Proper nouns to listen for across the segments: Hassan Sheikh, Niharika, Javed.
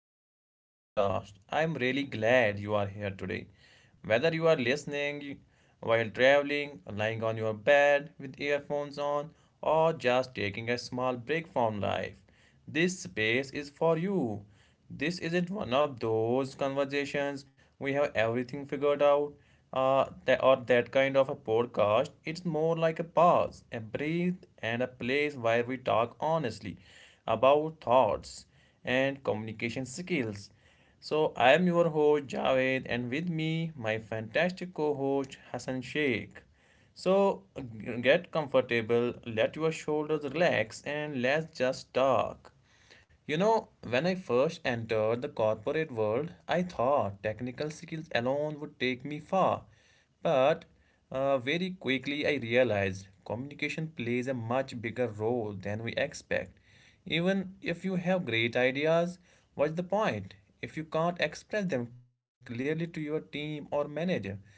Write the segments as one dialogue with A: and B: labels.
A: back to the podcast. I'm really glad you are here today. Whether you are listening while traveling, lying on your bed with earphones on, or just taking a small break from life, this space is for you. This isn't one of those conversations we have everything figured out or that kind of a podcast. It's more like a pause, a breathe, and a place where we talk honestly about thoughts and communication skills. So, I am your host Javed, and with me, my fantastic co host Hassan Sheikh. So get comfortable, let your shoulders relax, and let's just talk. You know, when I first entered the corporate world, I thought technical skills alone would take me far. But very quickly, I realized communication plays a much bigger role than we expect. Even if you have great ideas, what's the point if you can't express them clearly to your team or manager?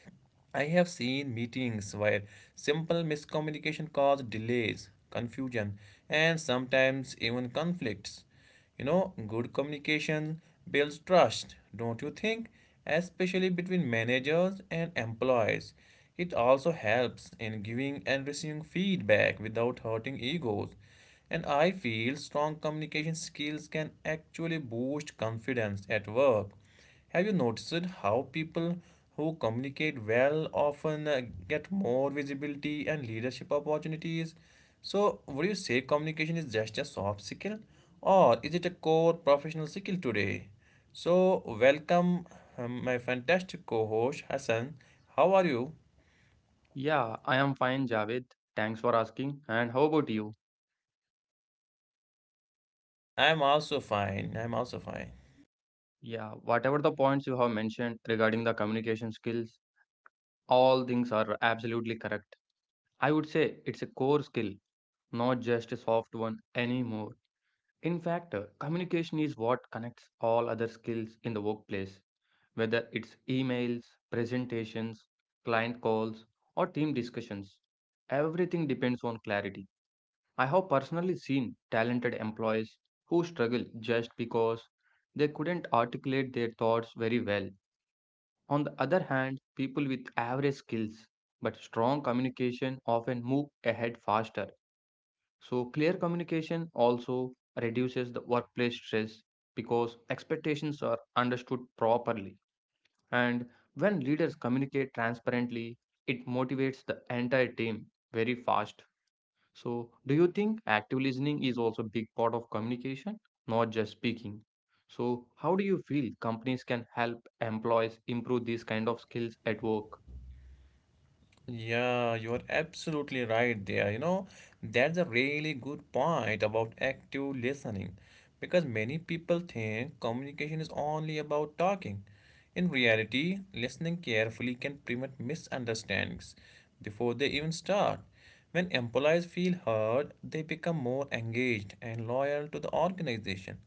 A: I have seen meetings where simple miscommunication caused delays, confusion, and sometimes even conflicts. You know, good communication builds trust, don't you think? Especially between managers and employees. It also helps in giving and receiving feedback without hurting egos. And I feel strong communication skills can actually boost confidence at work. Have you noticed how people who communicate well often get more visibility and leadership opportunities? So, would you say communication is just a soft skill or is it a core professional skill today? So, welcome my fantastic co host Hassan. How are you?
B: Yeah, I am fine, Javed. Thanks for asking. And how about you?
A: I am also fine. I am also fine.
B: Yeah, whatever the points you have mentioned regarding the communication skills, all things are absolutely correct. I would say it's a core skill, not just a soft one anymore. In fact, communication is what connects all other skills in the workplace, whether it's emails, presentations, client calls, or team discussions. Everything depends on clarity. I have personally seen talented employees who struggle just because they couldn't articulate their thoughts very well. On the other hand, people with average skills but strong communication often move ahead faster. So, clear communication also reduces the workplace stress because expectations are understood properly. And when leaders communicate transparently, it motivates the entire team very fast. So, do you think active listening is also a big part of communication, not just speaking? So, how do you feel companies can help employees improve these kind of skills at work?
A: Yeah, you are absolutely right there. You know, that's a really good point about active listening because many people think communication is only about talking. In reality, listening carefully can prevent misunderstandings before they even start. When employees feel heard, they become more engaged and loyal to the organization.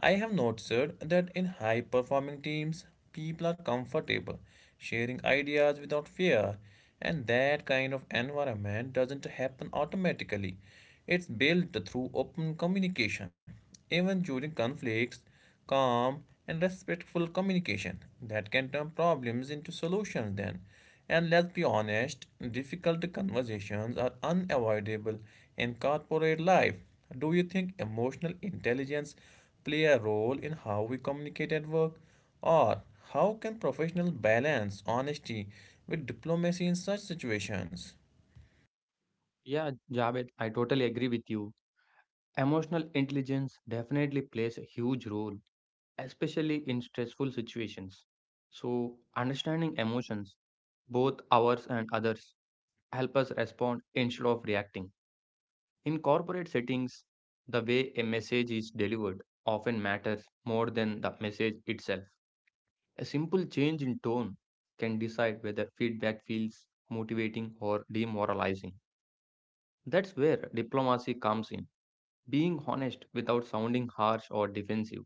A: I have noticed that in high performing teams, people are comfortable sharing ideas without fear, and that kind of environment doesn't happen automatically. It's built through open communication. Even during conflicts, calm and respectful communication that can turn problems into solutions then. And let's be honest, difficult conversations are unavoidable in corporate life. Do you think emotional intelligence play a role in how we communicate at work? Or how can professionals balance honesty with diplomacy in such situations?
B: Yeah, Javed, I totally agree with you. Emotional intelligence definitely plays a huge role, especially in stressful situations. So, understanding emotions, both ours and others, help us respond instead of reacting. In corporate settings, the way a message is delivered often matters more than the message itself. A simple change in tone can decide whether feedback feels motivating or demoralizing. That's where diplomacy comes in, being honest without sounding harsh or defensive.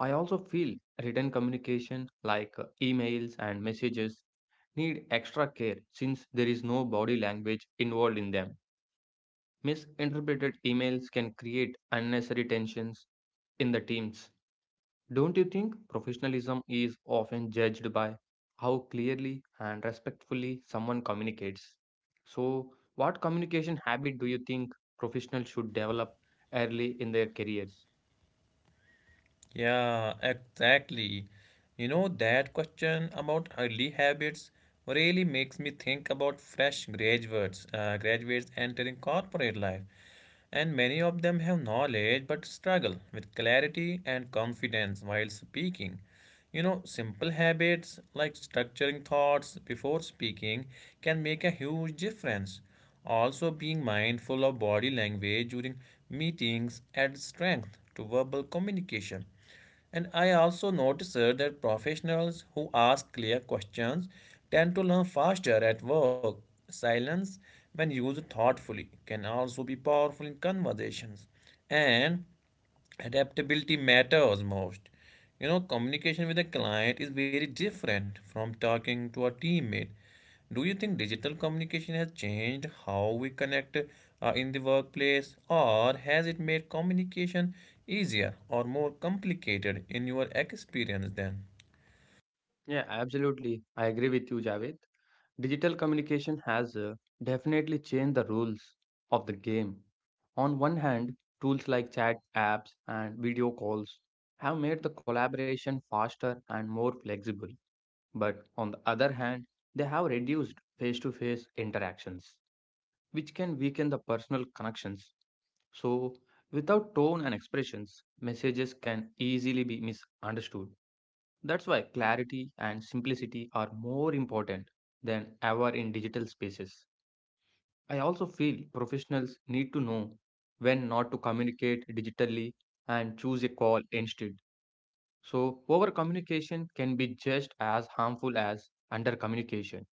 B: I also feel written communication like emails and messages need extra care since there is no body language involved in them. Misinterpreted emails can create unnecessary tensions in the teams. Don't you think professionalism is often judged by how clearly and respectfully someone communicates? So, what communication habit do you think professionals should develop early in their careers?
A: Yeah, exactly. You know, that question about early habits really makes me think about fresh graduates entering corporate life. And many of them have knowledge but struggle with clarity and confidence while speaking. You know, simple habits like structuring thoughts before speaking can make a huge difference. Also, being mindful of body language during meetings adds strength to verbal communication. And I also noticed that professionals who ask clear questions tend to learn faster at work. Silence, when used thoughtfully, can also be powerful in conversations. And adaptability matters most. You know, communication with a client is very different from talking to a teammate. Do you think digital communication has changed how we connect in the workplace? Or has it made communication easier or more complicated in your experience then?
B: Yeah, absolutely. I agree with you, Javed. Digital communication has definitely changed the rules of the game. On one hand, tools like chat apps and video calls have made the collaboration faster and more flexible. But on the other hand, they have reduced face to face interactions, which can weaken the personal connections. So, without tone and expressions, messages can easily be misunderstood. That's why clarity and simplicity are more important than ever in digital spaces. I also feel professionals need to know when not to communicate digitally and choose a call instead. So, over communication can be just as harmful as under communication.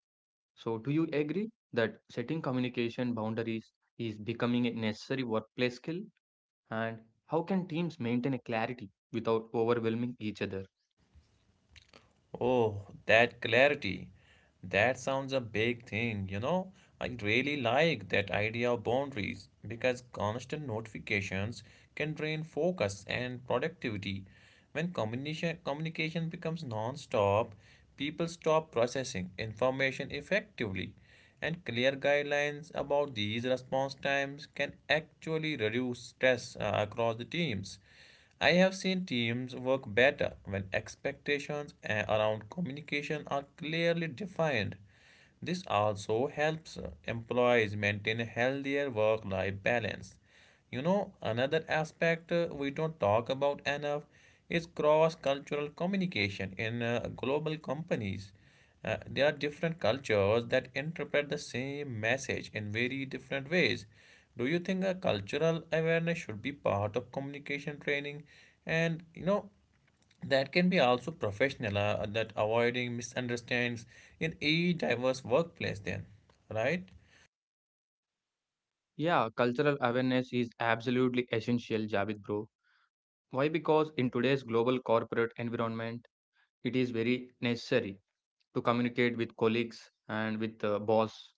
B: So, do you agree that setting communication boundaries is becoming a necessary workplace skill? And how can teams maintain a clarity without overwhelming each other?
A: Oh, that clarity. That sounds a big thing, you know. I really like that idea of boundaries because constant notifications can drain focus and productivity. When communication becomes non-stop, people stop processing information effectively, and clear guidelines about these response times can actually reduce stress across the teams. I have seen teams work better when expectations around communication are clearly defined. This also helps employees maintain a healthier work life balance. You know, another aspect we don't talk about enough is cross cultural communication in global companies. There are different cultures that interpret the same message in very different ways. Do you think a cultural awareness should be part of communication training? And you know, that can be also professional, that avoiding misunderstandings in a diverse workplace, then, right?
B: Yeah, cultural awareness is absolutely essential, Javed bro. Why? Because in today's global corporate environment, it is very necessary to communicate with colleagues and with the boss.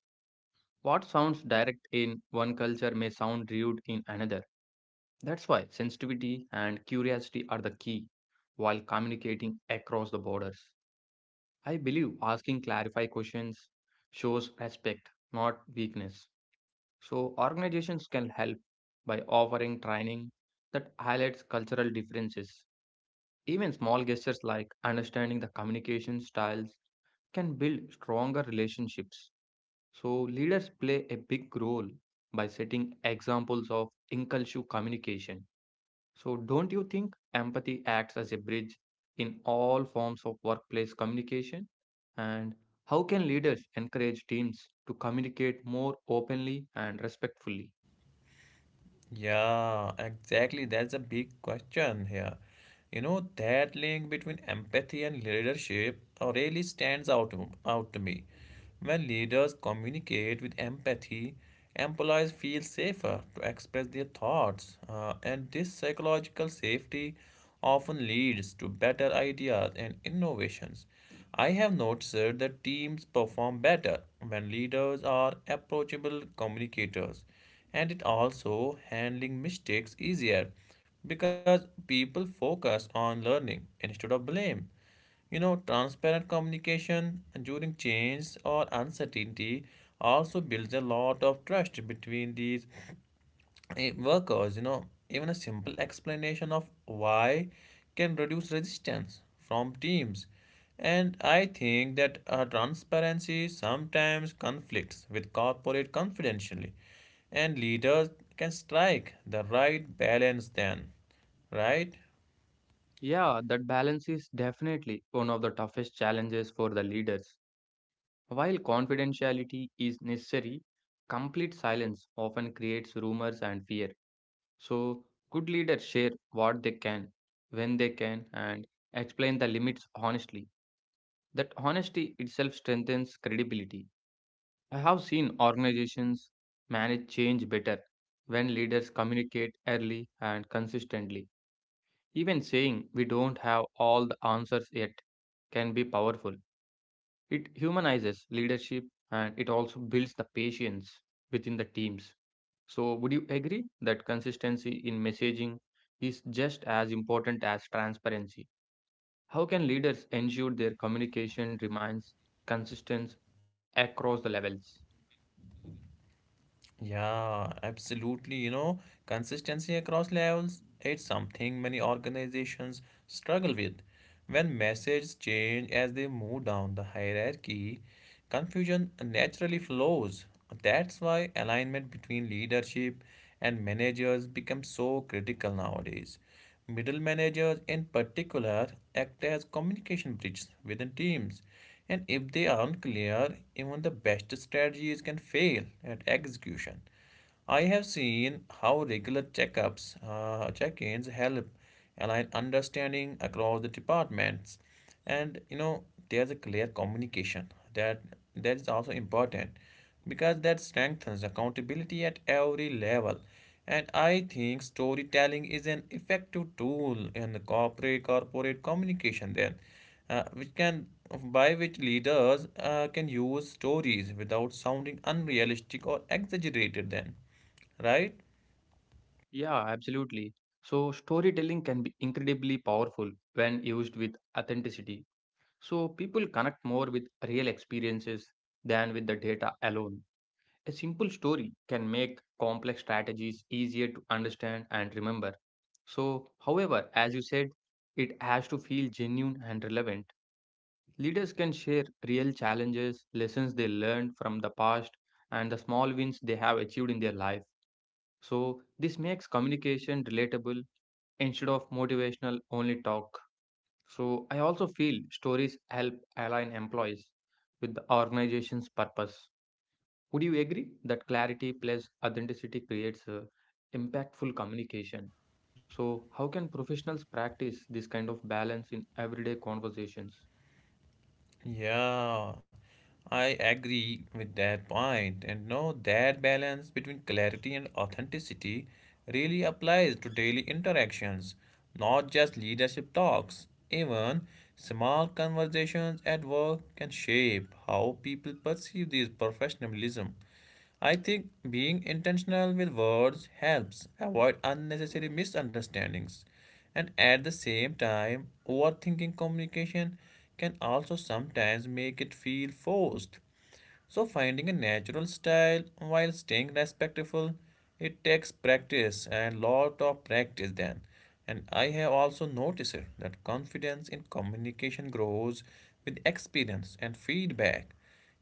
B: What sounds direct in one culture may sound rude in another. That's why sensitivity and curiosity are the key while communicating across the borders. I believe asking clarify questions shows respect, not weakness. So, organizations can help by offering training that highlights cultural differences. Even small gestures like understanding the communication styles can build stronger relationships. So, leaders play a big role by setting examples of inclusive communication. So, don't you think empathy acts as a bridge in all forms of workplace communication? And how can leaders encourage teams to communicate more openly and respectfully?
A: Yeah, exactly. That's a big question here. You know, that link between empathy and leadership really stands out to me. When leaders communicate with empathy, employees feel safer to express their thoughts, and this psychological safety often leads to better ideas and innovations. I have noticed that teams perform better when leaders are approachable communicators, and it also handling mistakes easier because people focus on learning instead of blame. You know, transparent communication during change or uncertainty also builds a lot of trust between these workers. You know, even a simple explanation of why can reduce resistance from teams. And I think that transparency sometimes conflicts with corporate confidentiality, and leaders can strike the right balance then, right?
B: Yeah, that balance is definitely one of the toughest challenges for the leaders. While confidentiality is necessary, complete silence often creates rumors and fear. So, good leaders share what they can, when they can, and explain the limits honestly. That honesty itself strengthens credibility. I have seen organizations manage change better when leaders communicate early and consistently. Even saying we don't have all the answers yet can be powerful. It humanizes leadership and it also builds the patience within the teams. So, would you agree that consistency in messaging is just as important as transparency? How can leaders ensure their communication remains consistent across the levels?
A: Yeah, absolutely. You know, consistency across levels, it's something many organizations struggle with. When messages change as they move down the hierarchy, confusion naturally flows. That's why alignment between leadership and managers becomes so critical nowadays. Middle managers, in particular, act as communication bridges within teams, and if they aren't clear, even the best strategies can fail at execution. I have seen how regular check ins help align understanding across the departments. And you know, there's a clear communication that that is also important because that strengthens accountability at every level. And I think storytelling is an effective tool in the corporate communication then, which can, by which leaders can use stories without sounding unrealistic or exaggerated then, right?
B: Yeah, absolutely. So, storytelling can be incredibly powerful when used with authenticity. So, people connect more with real experiences than with the data alone. A simple story can make complex strategies easier to understand and remember. So, however, as you said, it has to feel genuine and relevant. Leaders can share real challenges, lessons they learned from the past, and the small wins they have achieved in their life. So this makes communication relatable instead of motivational only talk. So I also feel stories help align employees with the organization's purpose. Would you agree that clarity plus authenticity creates a impactful communication? So how can professionals practice this kind of balance in everyday conversations?
A: Yeah, I agree with that point. And no, that balance between clarity and authenticity really applies to daily interactions, not just leadership talks. Even small conversations at work can shape how people perceive this professionalism. I think being intentional with words helps avoid unnecessary misunderstandings. And at the same time, overthinking communication can also sometimes make it feel forced. So, finding a natural style while staying respectful, it takes practice and lot of practice then. And I have also noticed that confidence in communication grows with experience and feedback.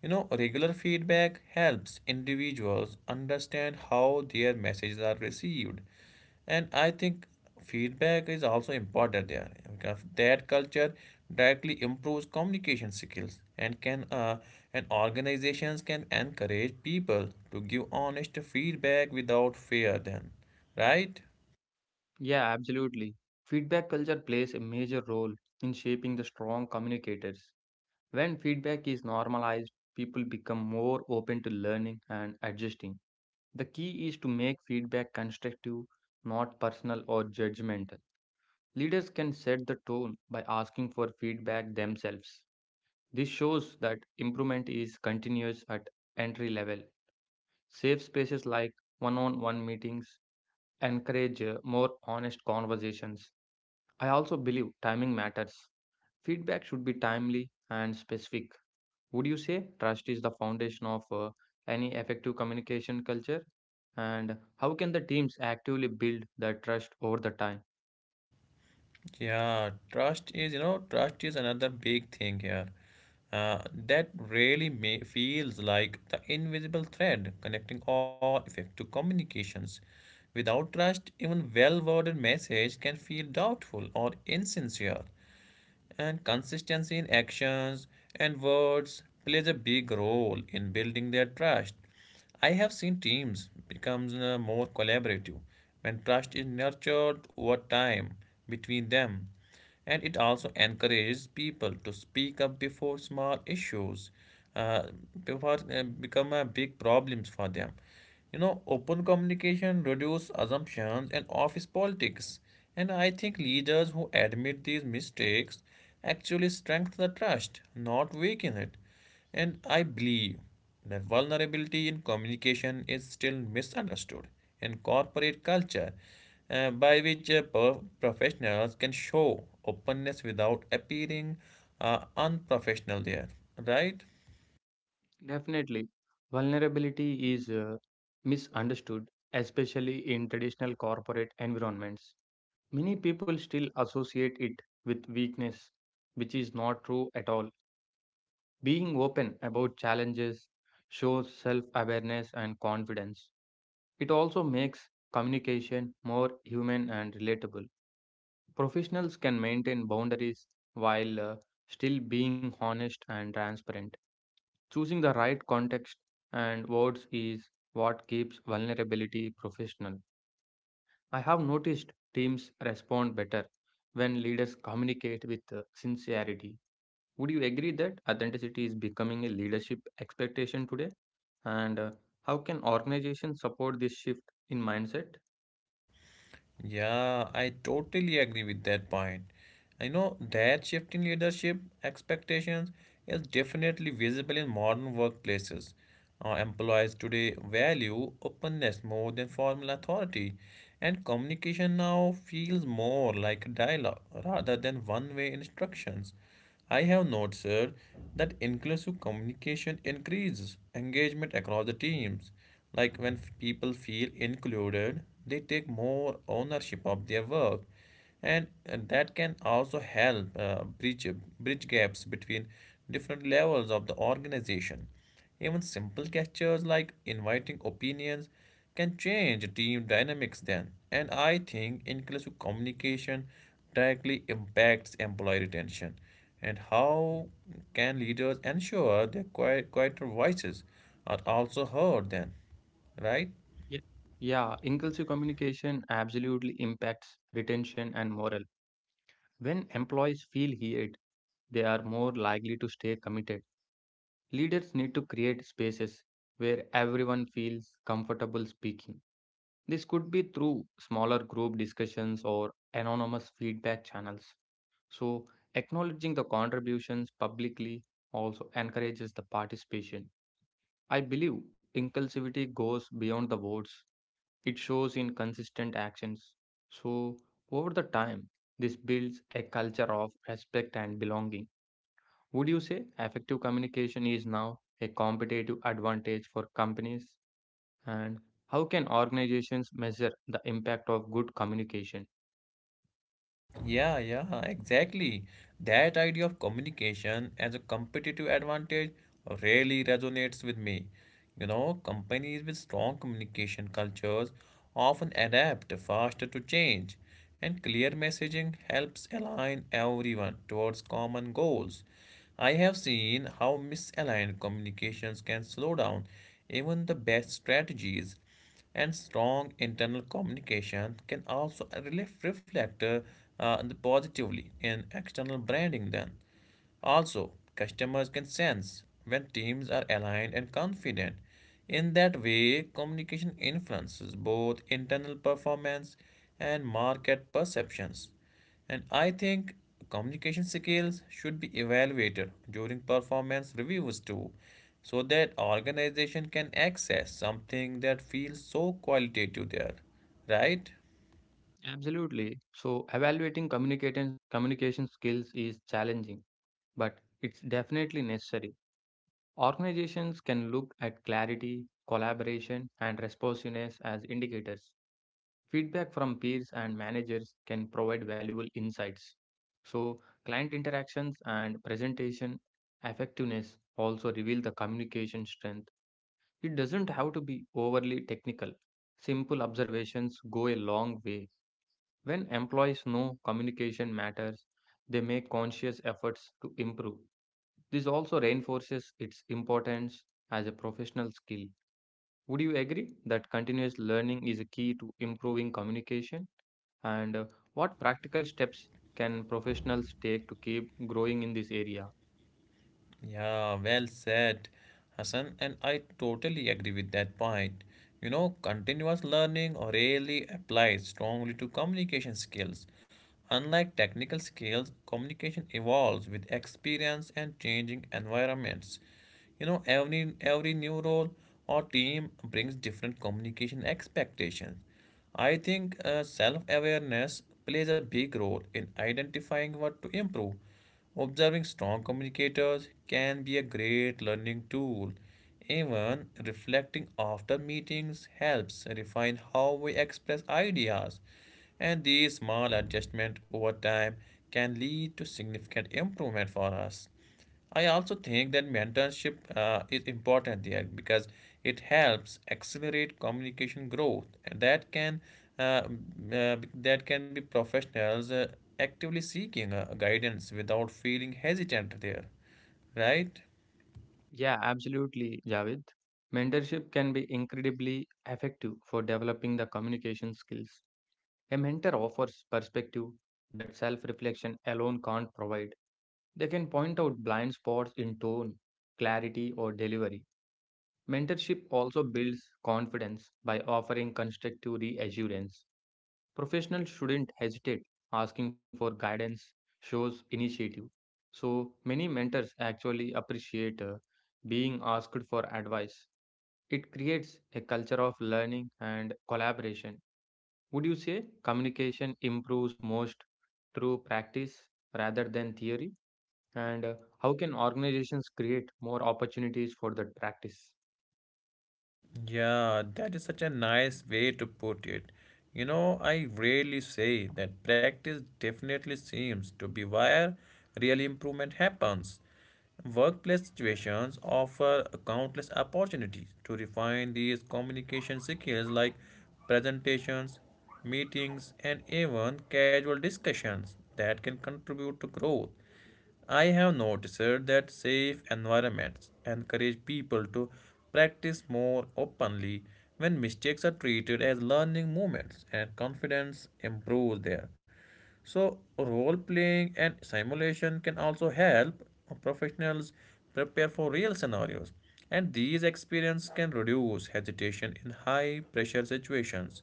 A: You know, regular feedback helps individuals understand how their messages are received. And I think feedback is also important there because that culture directly improves communication skills and can and organizations can encourage people to give honest feedback without fear then, right?
B: Yeah, absolutely. Feedback culture plays a major role in shaping the strong communicators. When feedback is normalized, people become more open to learning and adjusting. The key is to make feedback constructive, not personal or judgmental. Leaders can set the tone by asking for feedback themselves. This shows that improvement is continuous at entry level. Safe spaces like one on one meetings encourage more honest conversations. I also believe timing matters. Feedback should be timely and specific. Would you say trust is the foundation of any effective communication culture? And how can the teams actively build that trust over the time?
A: Yeah, trust is, you know, trust is another big thing here. Uh, that really feels like the invisible thread connecting all effective communications. Without trust, even well worded message can feel doubtful or insincere, and consistency in actions and words plays a big role in building their trust. I have seen teams become more collaborative when trust is nurtured over time between them, and it also encourages people to speak up before small issues uh, before become a big problems for them. You know, open communication reduces assumptions and office politics. And I think leaders who admit these mistakes actually strengthen the trust, not weaken it. And I believe that vulnerability in communication is still misunderstood in corporate culture, by which professionals can show openness without appearing unprofessional there, right?
B: Definitely, vulnerability is misunderstood, especially in traditional corporate environments. Many people still associate it with weakness, which is not true at all. Being open about challenges shows self awareness and confidence. It also makes communication more human and relatable. Professionals can maintain boundaries while still being honest and transparent. Choosing the right context and words is what keeps vulnerability professional. I have noticed teams respond better when leaders communicate with sincerity. Would you agree that authenticity is becoming a leadership expectation today? And how can organizations support this shift in mindset?
A: Yeah, I totally agree with that point. I know that shift in leadership expectations is definitely visible in modern workplaces. Employees today value openness more than formal authority, and communication now feels more like dialogue rather than one way instructions. I have noted, sir, that inclusive communication increases engagement across the teams. Like when people feel included, they take more ownership of their work, and that can also help bridge gaps between different levels of the organization. Even simple gestures like inviting opinions can change team dynamics then. And I think inclusive communication directly impacts employee retention. And how can leaders ensure their quieter voices are also heard then, right?
B: Yeah, yeah, inclusive communication absolutely impacts retention and morale. When employees feel heard, they are more likely to stay committed. Leaders need to create spaces where everyone feels comfortable speaking. This could be through smaller group discussions or anonymous feedback channels. So, acknowledging the contributions publicly also encourages the participation. I believe inclusivity goes beyond the words. It shows in consistent actions. So, over the time, this builds a culture of respect and belonging. Would you say effective communication is now a competitive advantage for companies? And how can organizations measure the impact of good communication?
A: Yeah, yeah, exactly. That idea of communication as a competitive advantage really resonates with me. You know, companies with strong communication cultures often adapt faster to change, and clear messaging helps align everyone towards common goals. I have seen how misaligned communications can slow down even the best strategies, and strong internal communication can also reflect positively in external branding then also. Customers can sense when teams are aligned and confident. In that way, communication influences both internal performance and market perceptions. And I think communication skills should be evaluated during performance reviews too, so that organization can access something that feels so qualitative there, right?
B: Absolutely. So, evaluating communication skills is challenging, but it's definitely necessary. Organizations can look at clarity, collaboration, and responsiveness as indicators. Feedback from peers and managers can provide valuable insights. So, client interactions and presentation effectiveness also reveal the communication strength. It doesn't have to be overly technical. Simple observations go a long way. When employees know communication matters, they make conscious efforts to improve. This also reinforces its importance as a professional skill. Would you agree that continuous learning is a key to improving communication? And what practical steps can professionals take to keep growing in this area?
A: Yeah, well said, Hassan, and I totally agree with that point. You know, continuous learning really applies strongly to communication skills. Unlike technical skills, communication evolves with experience and changing environments. You know, every new role or team brings different communication expectations. I think self awareness plays a big role in identifying what to improve. Observing strong communicators can be a great learning tool. Even reflecting after meetings helps refine how we express ideas, and these small adjustments over time can lead to significant improvement for us. I also think that mentorship is important there because it helps accelerate communication growth and uh, that can be professionals actively seeking guidance without feeling hesitant there, right?
B: Yeah, absolutely, Javed. Mentorship can be incredibly effective for developing the communication skills. A mentor offers perspective that self reflection alone can't provide. They can point out blind spots in tone, clarity, or delivery. Mentorship also builds confidence by offering constructive reassurance. Professionals shouldn't hesitate asking for guidance, shows initiative. So many mentors actually appreciate being asked for advice. It creates a culture of learning and collaboration. Would you say communication improves most through practice rather than theory? And how can organizations create more opportunities for that practice?
A: Yeah, that is such a nice way to put it. You know, I rarely say that practice definitely seems to be where real improvement happens. Workplace situations offer countless opportunities to refine these communication skills like presentations, meetings, and even casual discussions that can contribute to growth. I have noticed that safe environments encourage people to practice more openly when mistakes are treated as learning moments and confidence improves there. So, role playing and simulation can also help professionals prepare for real scenarios, and these experiences can reduce hesitation in high pressure situations.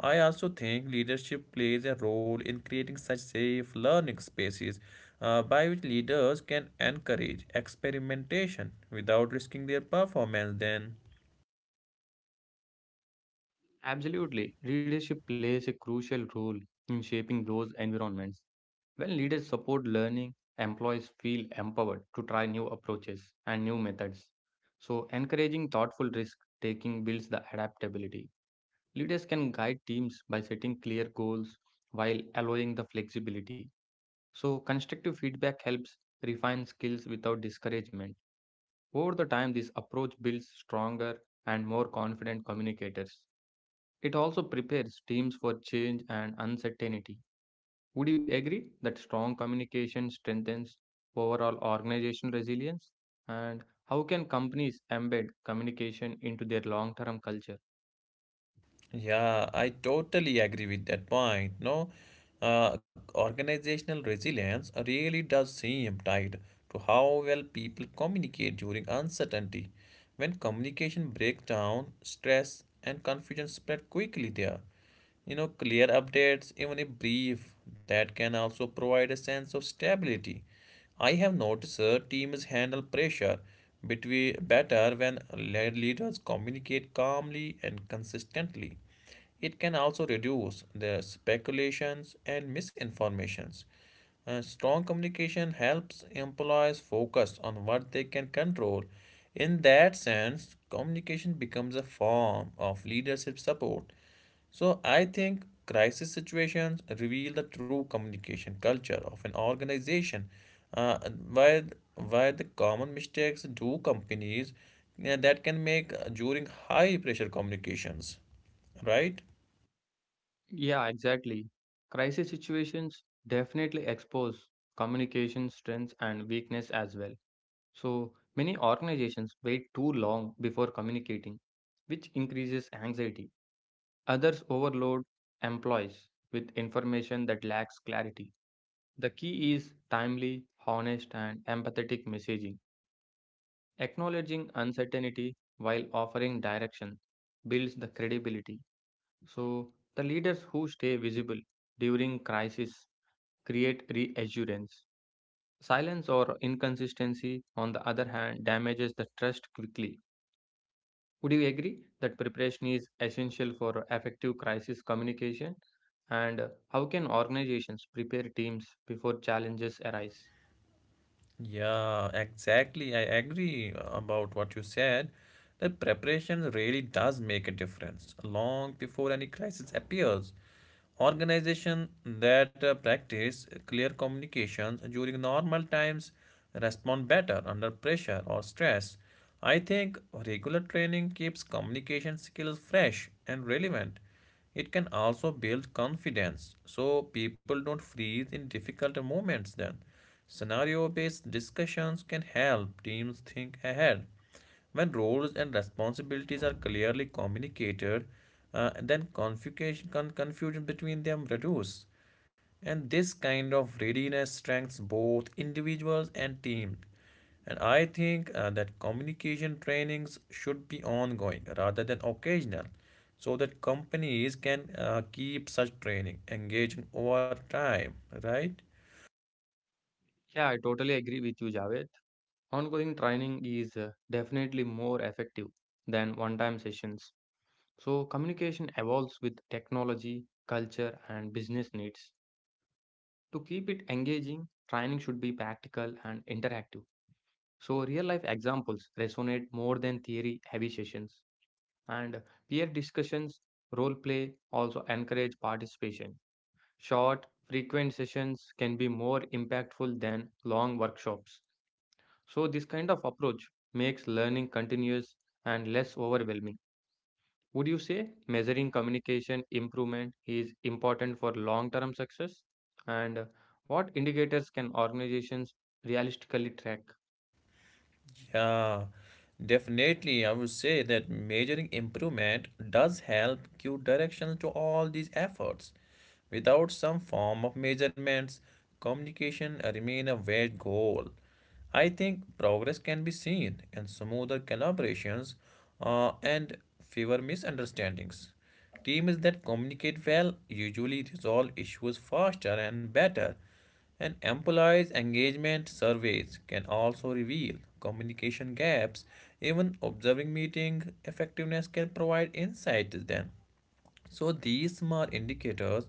A: I also think leadership plays a role in creating such safe learning spaces, by which leaders can encourage experimentation without risking their performance then.
B: Absolutely. Leadership plays a crucial role in shaping those environments. When leaders support learning, employees feel empowered to try new approaches and new methods. So, encouraging thoughtful risk taking builds the adaptability. Leaders can guide teams by setting clear goals while allowing the flexibility. So, constructive feedback helps refine skills without discouragement. Over the time, this approach builds stronger and more confident communicators. It also prepares teams for change and uncertainty. Would you agree that strong communication strengthens overall organization resilience? And how can companies embed communication into their long term culture?
A: Yeah, I totally agree with that point. No, organizational resilience really does seem tied to how well people communicate during uncertainty. When communication breaks down, stress and confusion spread quickly there. You know, clear updates, even if brief, that can also provide a sense of stability. I have noticed teams handle pressure between better when leaders communicate calmly and consistently. It can also reduce the speculations and misinformations. Strong communication helps employees focus on what they can control. In that sense, communication becomes a form of leadership support. So I think crisis situations reveal the true communication culture of an organization. Uh, why why the common mistakes do companies that can make during high pressure communications, right?
B: Yeah, exactly. Crisis situations definitely expose communication strengths and weakness as well. So many organizations wait too long before communicating, which increases anxiety. Others overload employees with information that lacks clarity. The key is timely, honest, and empathetic messaging. Acknowledging uncertainty while offering direction builds the credibility. So, the leaders who stay visible during crisis create reassurance. Silence or inconsistency, on the other hand, damages the trust quickly. Would you agree that preparation is essential for effective crisis communication? And how can organizations prepare teams before challenges arise?
A: Yeah, exactly. I agree about what you said. That preparation really does make a difference long before any crisis appears. Organization that practice clear communications during normal times respond better under pressure or stress. I think regular training keeps communication skills fresh and relevant. It can also build confidence so people don't freeze in difficult moments then. Scenario based discussions can help teams think ahead. When roles and responsibilities are clearly communicated, then confusion between them reduces. And this kind of readiness strengthens both individuals and teams. And I think that communication trainings should be ongoing rather than occasional so that companies can keep such training engaging over time, right?
B: Yeah, I totally agree with you, Javed. Ongoing training is definitely more effective than one time sessions. So, communication evolves with technology, culture, and business needs. To keep it engaging, training should be practical and interactive. So, real life examples resonate more than theory heavy sessions. And peer discussions, role play also encourage participation. Short, frequent sessions can be more impactful than long workshops. So, this kind of approach makes learning continuous and less overwhelming. Would you say measuring communication improvement is important for long term success? And what indicators can organizations realistically track?
A: Yeah, definitely. I would say that measuring improvement does help give direction to all these efforts. Without some form of measurements, communication remains a vague goal. I think progress can be seen in smoother collaborations and fewer misunderstandings. Teams that communicate well usually resolve issues faster and better. And employees' engagement surveys can also reveal communication gaps. Even observing meeting effectiveness can provide insights then. So these small indicators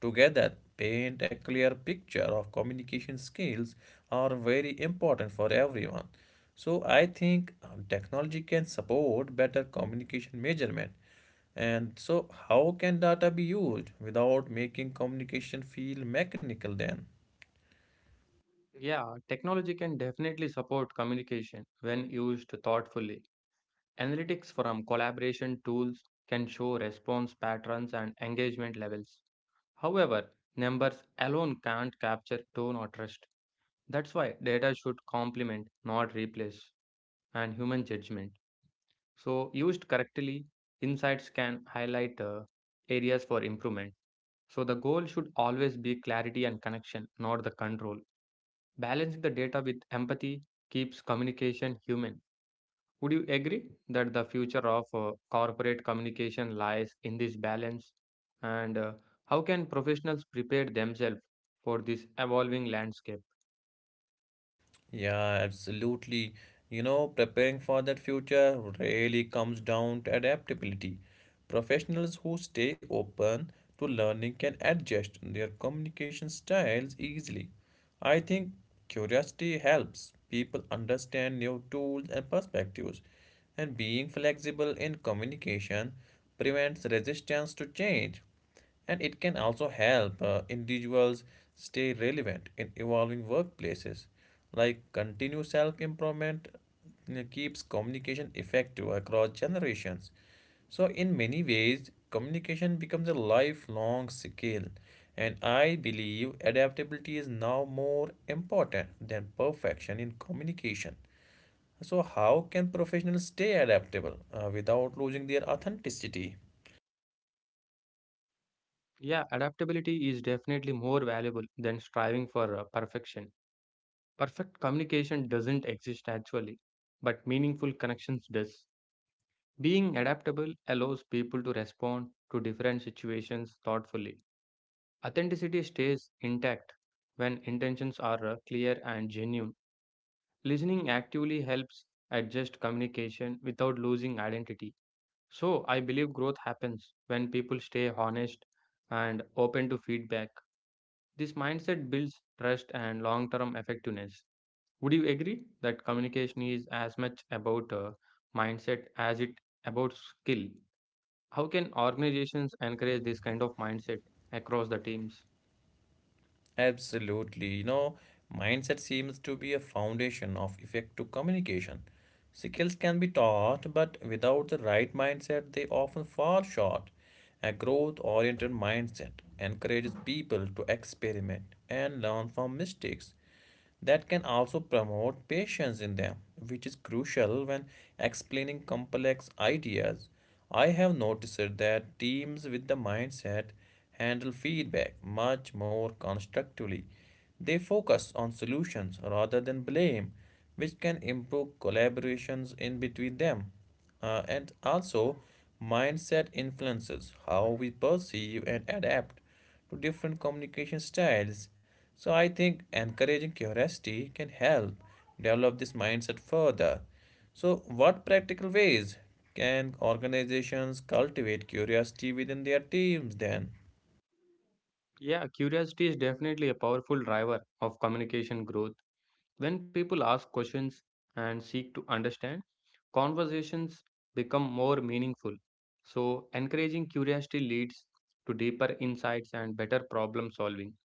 A: together paint a clear picture of communication skills are very important for everyone. So I think technology can support better communication measurement. And so how can data be used without making communication feel mechanical then?
B: Yeah, technology can definitely support communication when used thoughtfully. Analytics from collaboration tools can show response patterns and engagement levels. However, numbers alone can't capture tone or trust. That's why data should complement, not replace, and human judgment. So, used correctly, insights can highlight areas for improvement. So, the goal should always be clarity and connection, not the control. Balancing the data with empathy keeps communication human. Would you agree that the future of corporate communication lies in this balance? And how can professionals prepare themselves for this evolving landscape?
A: Yeah, absolutely. You know, preparing for that future really comes down to adaptability. Professionals who stay open to learning can adjust their communication styles easily. I think curiosity helps people understand new tools and perspectives, and being flexible in communication prevents resistance to change, and it can also help individuals stay relevant in evolving workplaces, like continuous self-improvement keeps communication effective across generations. So in many ways communication becomes a lifelong skill, and I believe adaptability is now more important than perfection in communication. So how can professionals stay adaptable without losing their authenticity?
B: Yeah, adaptability is definitely more valuable than striving for perfection. Perfect communication doesn't exist actually, but meaningful connections does. Being adaptable allows people to respond to different situations thoughtfully. Authenticity stays intact when intentions are clear and genuine. Listening actively helps adjust communication without losing identity. So, I believe growth happens when people stay honest and open to feedback. This mindset builds trust and long term effectiveness. Would you agree that communication is as much about mindset as it about skill? How can organizations encourage this kind of mindset across the teams?
A: Absolutely. You know, mindset seems to be a foundation of effective communication. Skills can be taught, but without the right mindset, they often fall short. A growth oriented mindset encourages people to experiment and learn from mistakes that can also promote patience in them, which is crucial when explaining complex ideas. I have noticed that teams with the mindset handle feedback much more constructively. They focus on solutions rather than blame, which can improve collaborations in between them. And also, mindset influences how we perceive and adapt to different communication styles. So I think encouraging curiosity can help develop this mindset further. So, what practical ways can organizations cultivate curiosity within their teams then?
B: Yeah, curiosity is definitely a powerful driver of communication growth. When people ask questions and seek to understand, conversations become more meaningful. So, encouraging curiosity leads to deeper insights and better problem solving.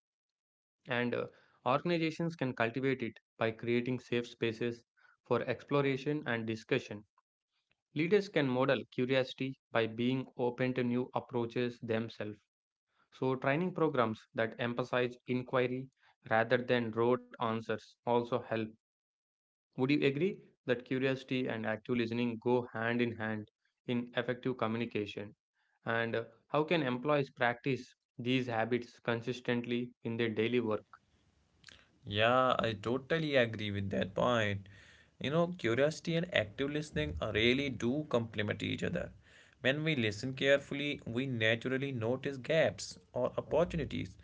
B: And organizations can cultivate it by creating safe spaces for exploration and discussion. Leaders can model curiosity by being open to new approaches themselves. So, training programs that emphasize inquiry rather than rote answers also help. Would you agree that curiosity and active listening go hand in hand in effective communication? And how can employees practice these habits consistently in their daily work?
A: Yeah, I totally agree with that point. You know, curiosity and active listening really do complement each other. When we listen carefully, we naturally notice gaps or opportunities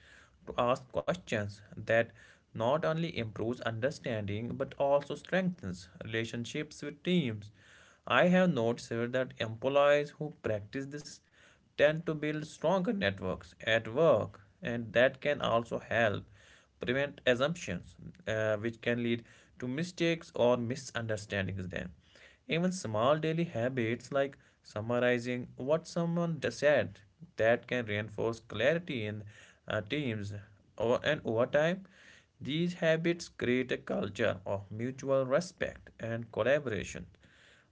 A: to ask questions that not only improves understanding but also strengthens relationships with teams. I have noticed here that employees who practice this tend to build stronger networks at work, and that can also help prevent assumptions, which can lead to mistakes or misunderstandings. Then, even small daily habits like summarizing said that can reinforce clarity in teams. And over time, these habits create a culture of mutual respect and collaboration.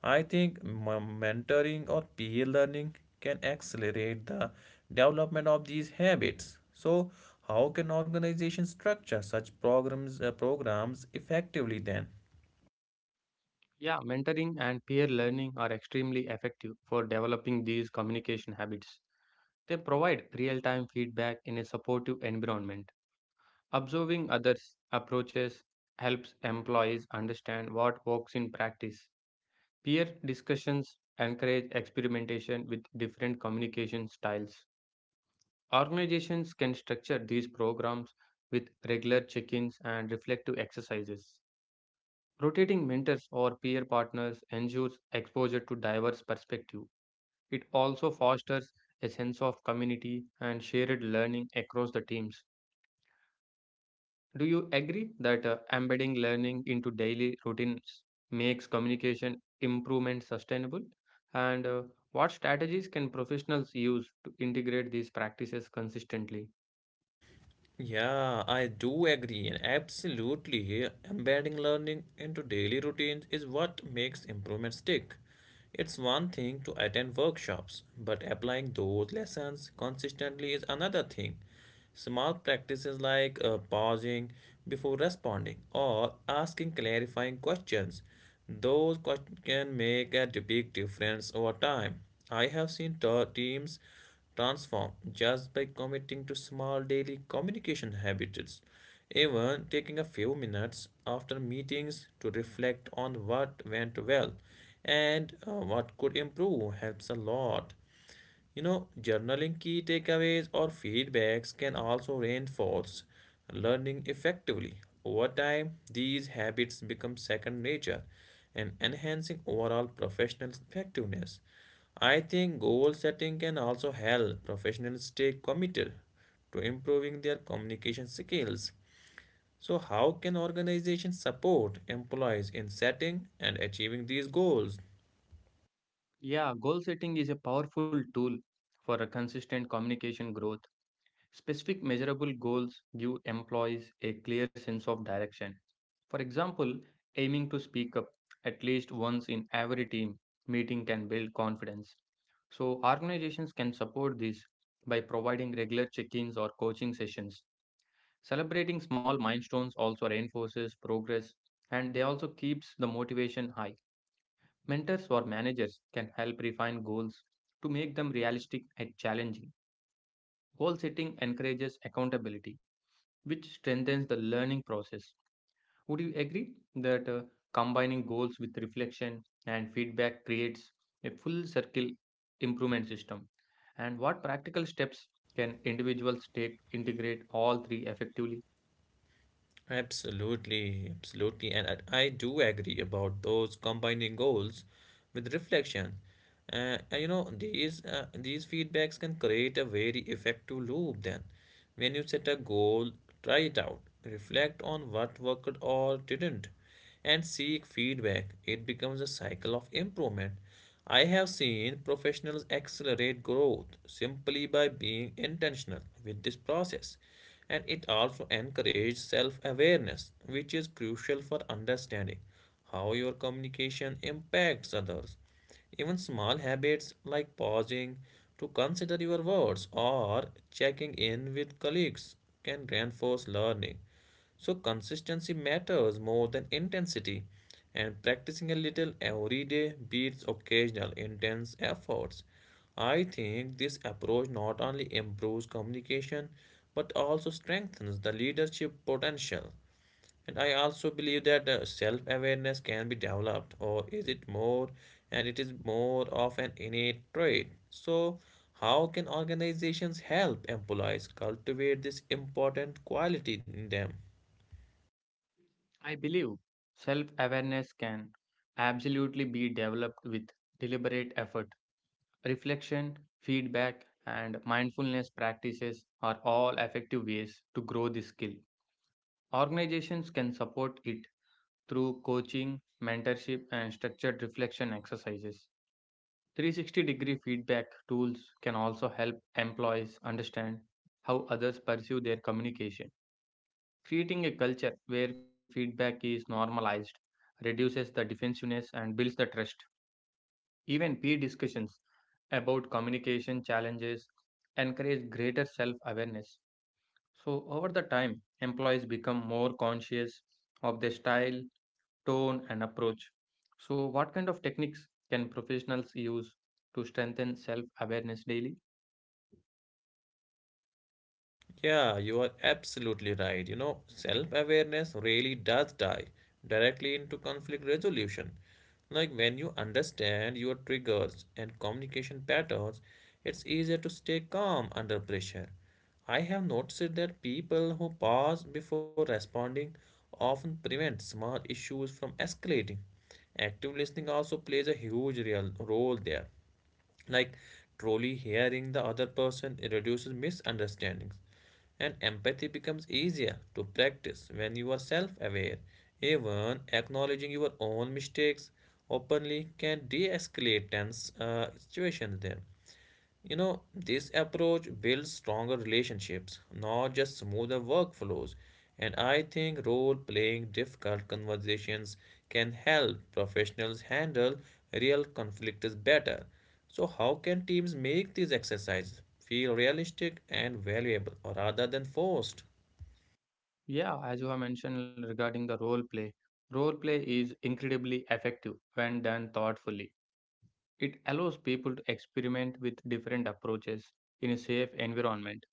A: I think mentoring or peer learning can accelerate the development of these habits. So, how can organizations structure such programs effectively then?
B: Yeah, mentoring and peer learning are extremely effective for developing these communication habits. They provide real time feedback in a supportive environment. Observing others' approaches helps employees understand what works in practice. Peer discussions encourage experimentation with different communication styles. Organizations can structure these programs with regular check ins and reflective exercises. Rotating mentors or peer partners ensures exposure to diverse perspectives. It also fosters a sense of community and shared learning across the teams. Do you agree that embedding learning into daily routines makes communication improvement sustainable? And what strategies can professionals use to integrate these practices consistently?
A: Yeah, I do agree, and absolutely, embedding learning into daily routines is what makes improvement stick. It's one thing to attend workshops, but applying those lessons consistently is another thing. Small practices like pausing before responding or asking clarifying questions, those can make a big difference over time. I have seen teams transform just by committing to small daily communication habits, even taking a few minutes after meetings to reflect on what went well and what could improve helps a lot. You know, journaling key takeaways or feedbacks can also reinforce learning effectively. Over time, these habits become second nature and enhancing overall professional effectiveness. I think goal setting can also help professionals stay committed to improving their communication skills. So, how can organizations support employees in setting and achieving these goals?
B: Yeah, goal setting is a powerful tool for a consistent communication growth. Specific measurable goals give employees a clear sense of direction. For example, aiming to speak up at least once in every team meeting can build confidence. So, organizations can support this by providing regular check ins or coaching sessions. Celebrating small milestones also reinforces progress and they also keeps the motivation high. Mentors or managers can help refine goals to make them realistic and challenging. Goal setting encourages accountability which strengthens the learning process. Would you agree that combining goals with reflection and feedback creates a full circle improvement system? And what practical steps can individuals take to integrate all three effectively?
A: Absolutely, absolutely. And I do agree about those combining goals with reflection. Uh, and you know, these feedbacks can create a very effective loop then. When you set a goal, try it out. Reflect on what worked or didn't and seek feedback. It becomes a cycle of improvement. I have seen professionals accelerate growth simply by being intentional with this process, and it also encourages self awareness, which is crucial for understanding how your communication impacts others. Even small habits like pausing to consider your words or checking in with colleagues can reinforce learning. So, consistency matters more than intensity, and practicing a little every day beats occasional intense efforts. I think this approach not only improves communication but also strengthens the leadership potential. And I also believe that self awareness can be developed, or is it more, and it is more of an innate trait. So, how can organizations help employees cultivate this important quality in them?
B: I believe self awareness can absolutely be developed with deliberate effort. Reflection, feedback, and mindfulness practices are all effective ways to grow this skill. Organizations can support it through coaching, mentorship, and structured reflection exercises. 360 degree feedback tools can also help employees understand how others perceive their communication. Creating a culture where feedback is normalized reduces the defensiveness and builds the trust. Even peer discussions about communication challenges encourage greater self awareness. So, over the time, employees become more conscious of their style, tone, and approach. So, what kind of techniques can professionals use to strengthen self awareness daily?
A: Yeah, you are absolutely right. You know, self-awareness really does tie directly into conflict resolution. Like when you understand your triggers and communication patterns, it's easier to stay calm under pressure. I have noticed that people who pause before responding often prevent small issues from escalating. Active listening also plays a huge real role there, like truly hearing the other person, it reduces misunderstandings, and empathy becomes easier to practice when you are self-aware. Even acknowledging your own mistakes openly can de-escalate tense situations there. You know, this approach builds stronger relationships, not just smoother workflows. And I think role playing difficult conversations can help professionals handle real conflicts better. So, how can teams make these exercises feel realistic and valuable rather than forced?
B: Yeah, as you have mentioned regarding the role play is incredibly effective when done thoughtfully. It allows people to experiment with different approaches in a safe environment.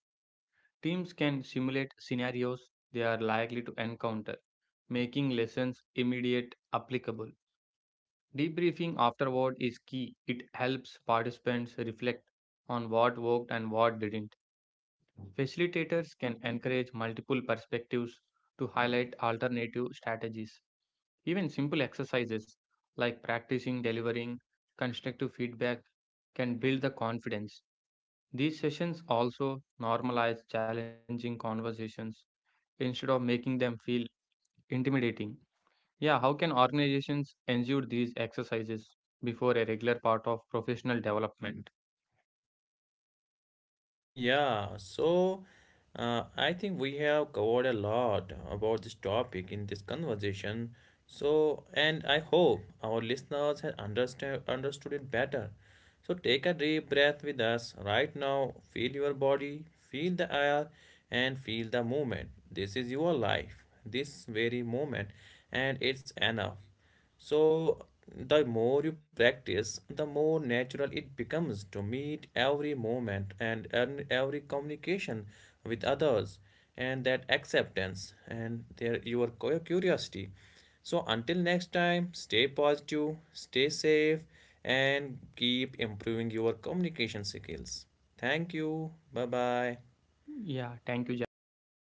B: Teams can simulate scenarios they are likely to encounter, making lessons immediate applicable. Debriefing afterward is key. It helps participants reflect on what worked and what didn't. Facilitators can encourage multiple perspectives to highlight alternative strategies. Even simple exercises like practicing delivering constructive feedback can build the confidence. These sessions also normalize challenging conversations instead of making them feel intimidating. Yeah, how can organizations ensure these exercises before a regular part of professional development?
A: Yeah, so I think we have covered a lot about this topic in this conversation. So, and I hope our listeners have understand understood it better. So take a deep breath with us right now. Feel your body, feel the air, and feel the movement. This is your life, this very moment, and it's enough. So, the more you practice, the more natural it becomes to meet every moment and every communication with others, and that acceptance and their, your curiosity. So, until next time, stay positive, stay safe, and keep improving your communication skills. Thank you. Bye bye.
B: Yeah, thank you, Javed. Bye bye.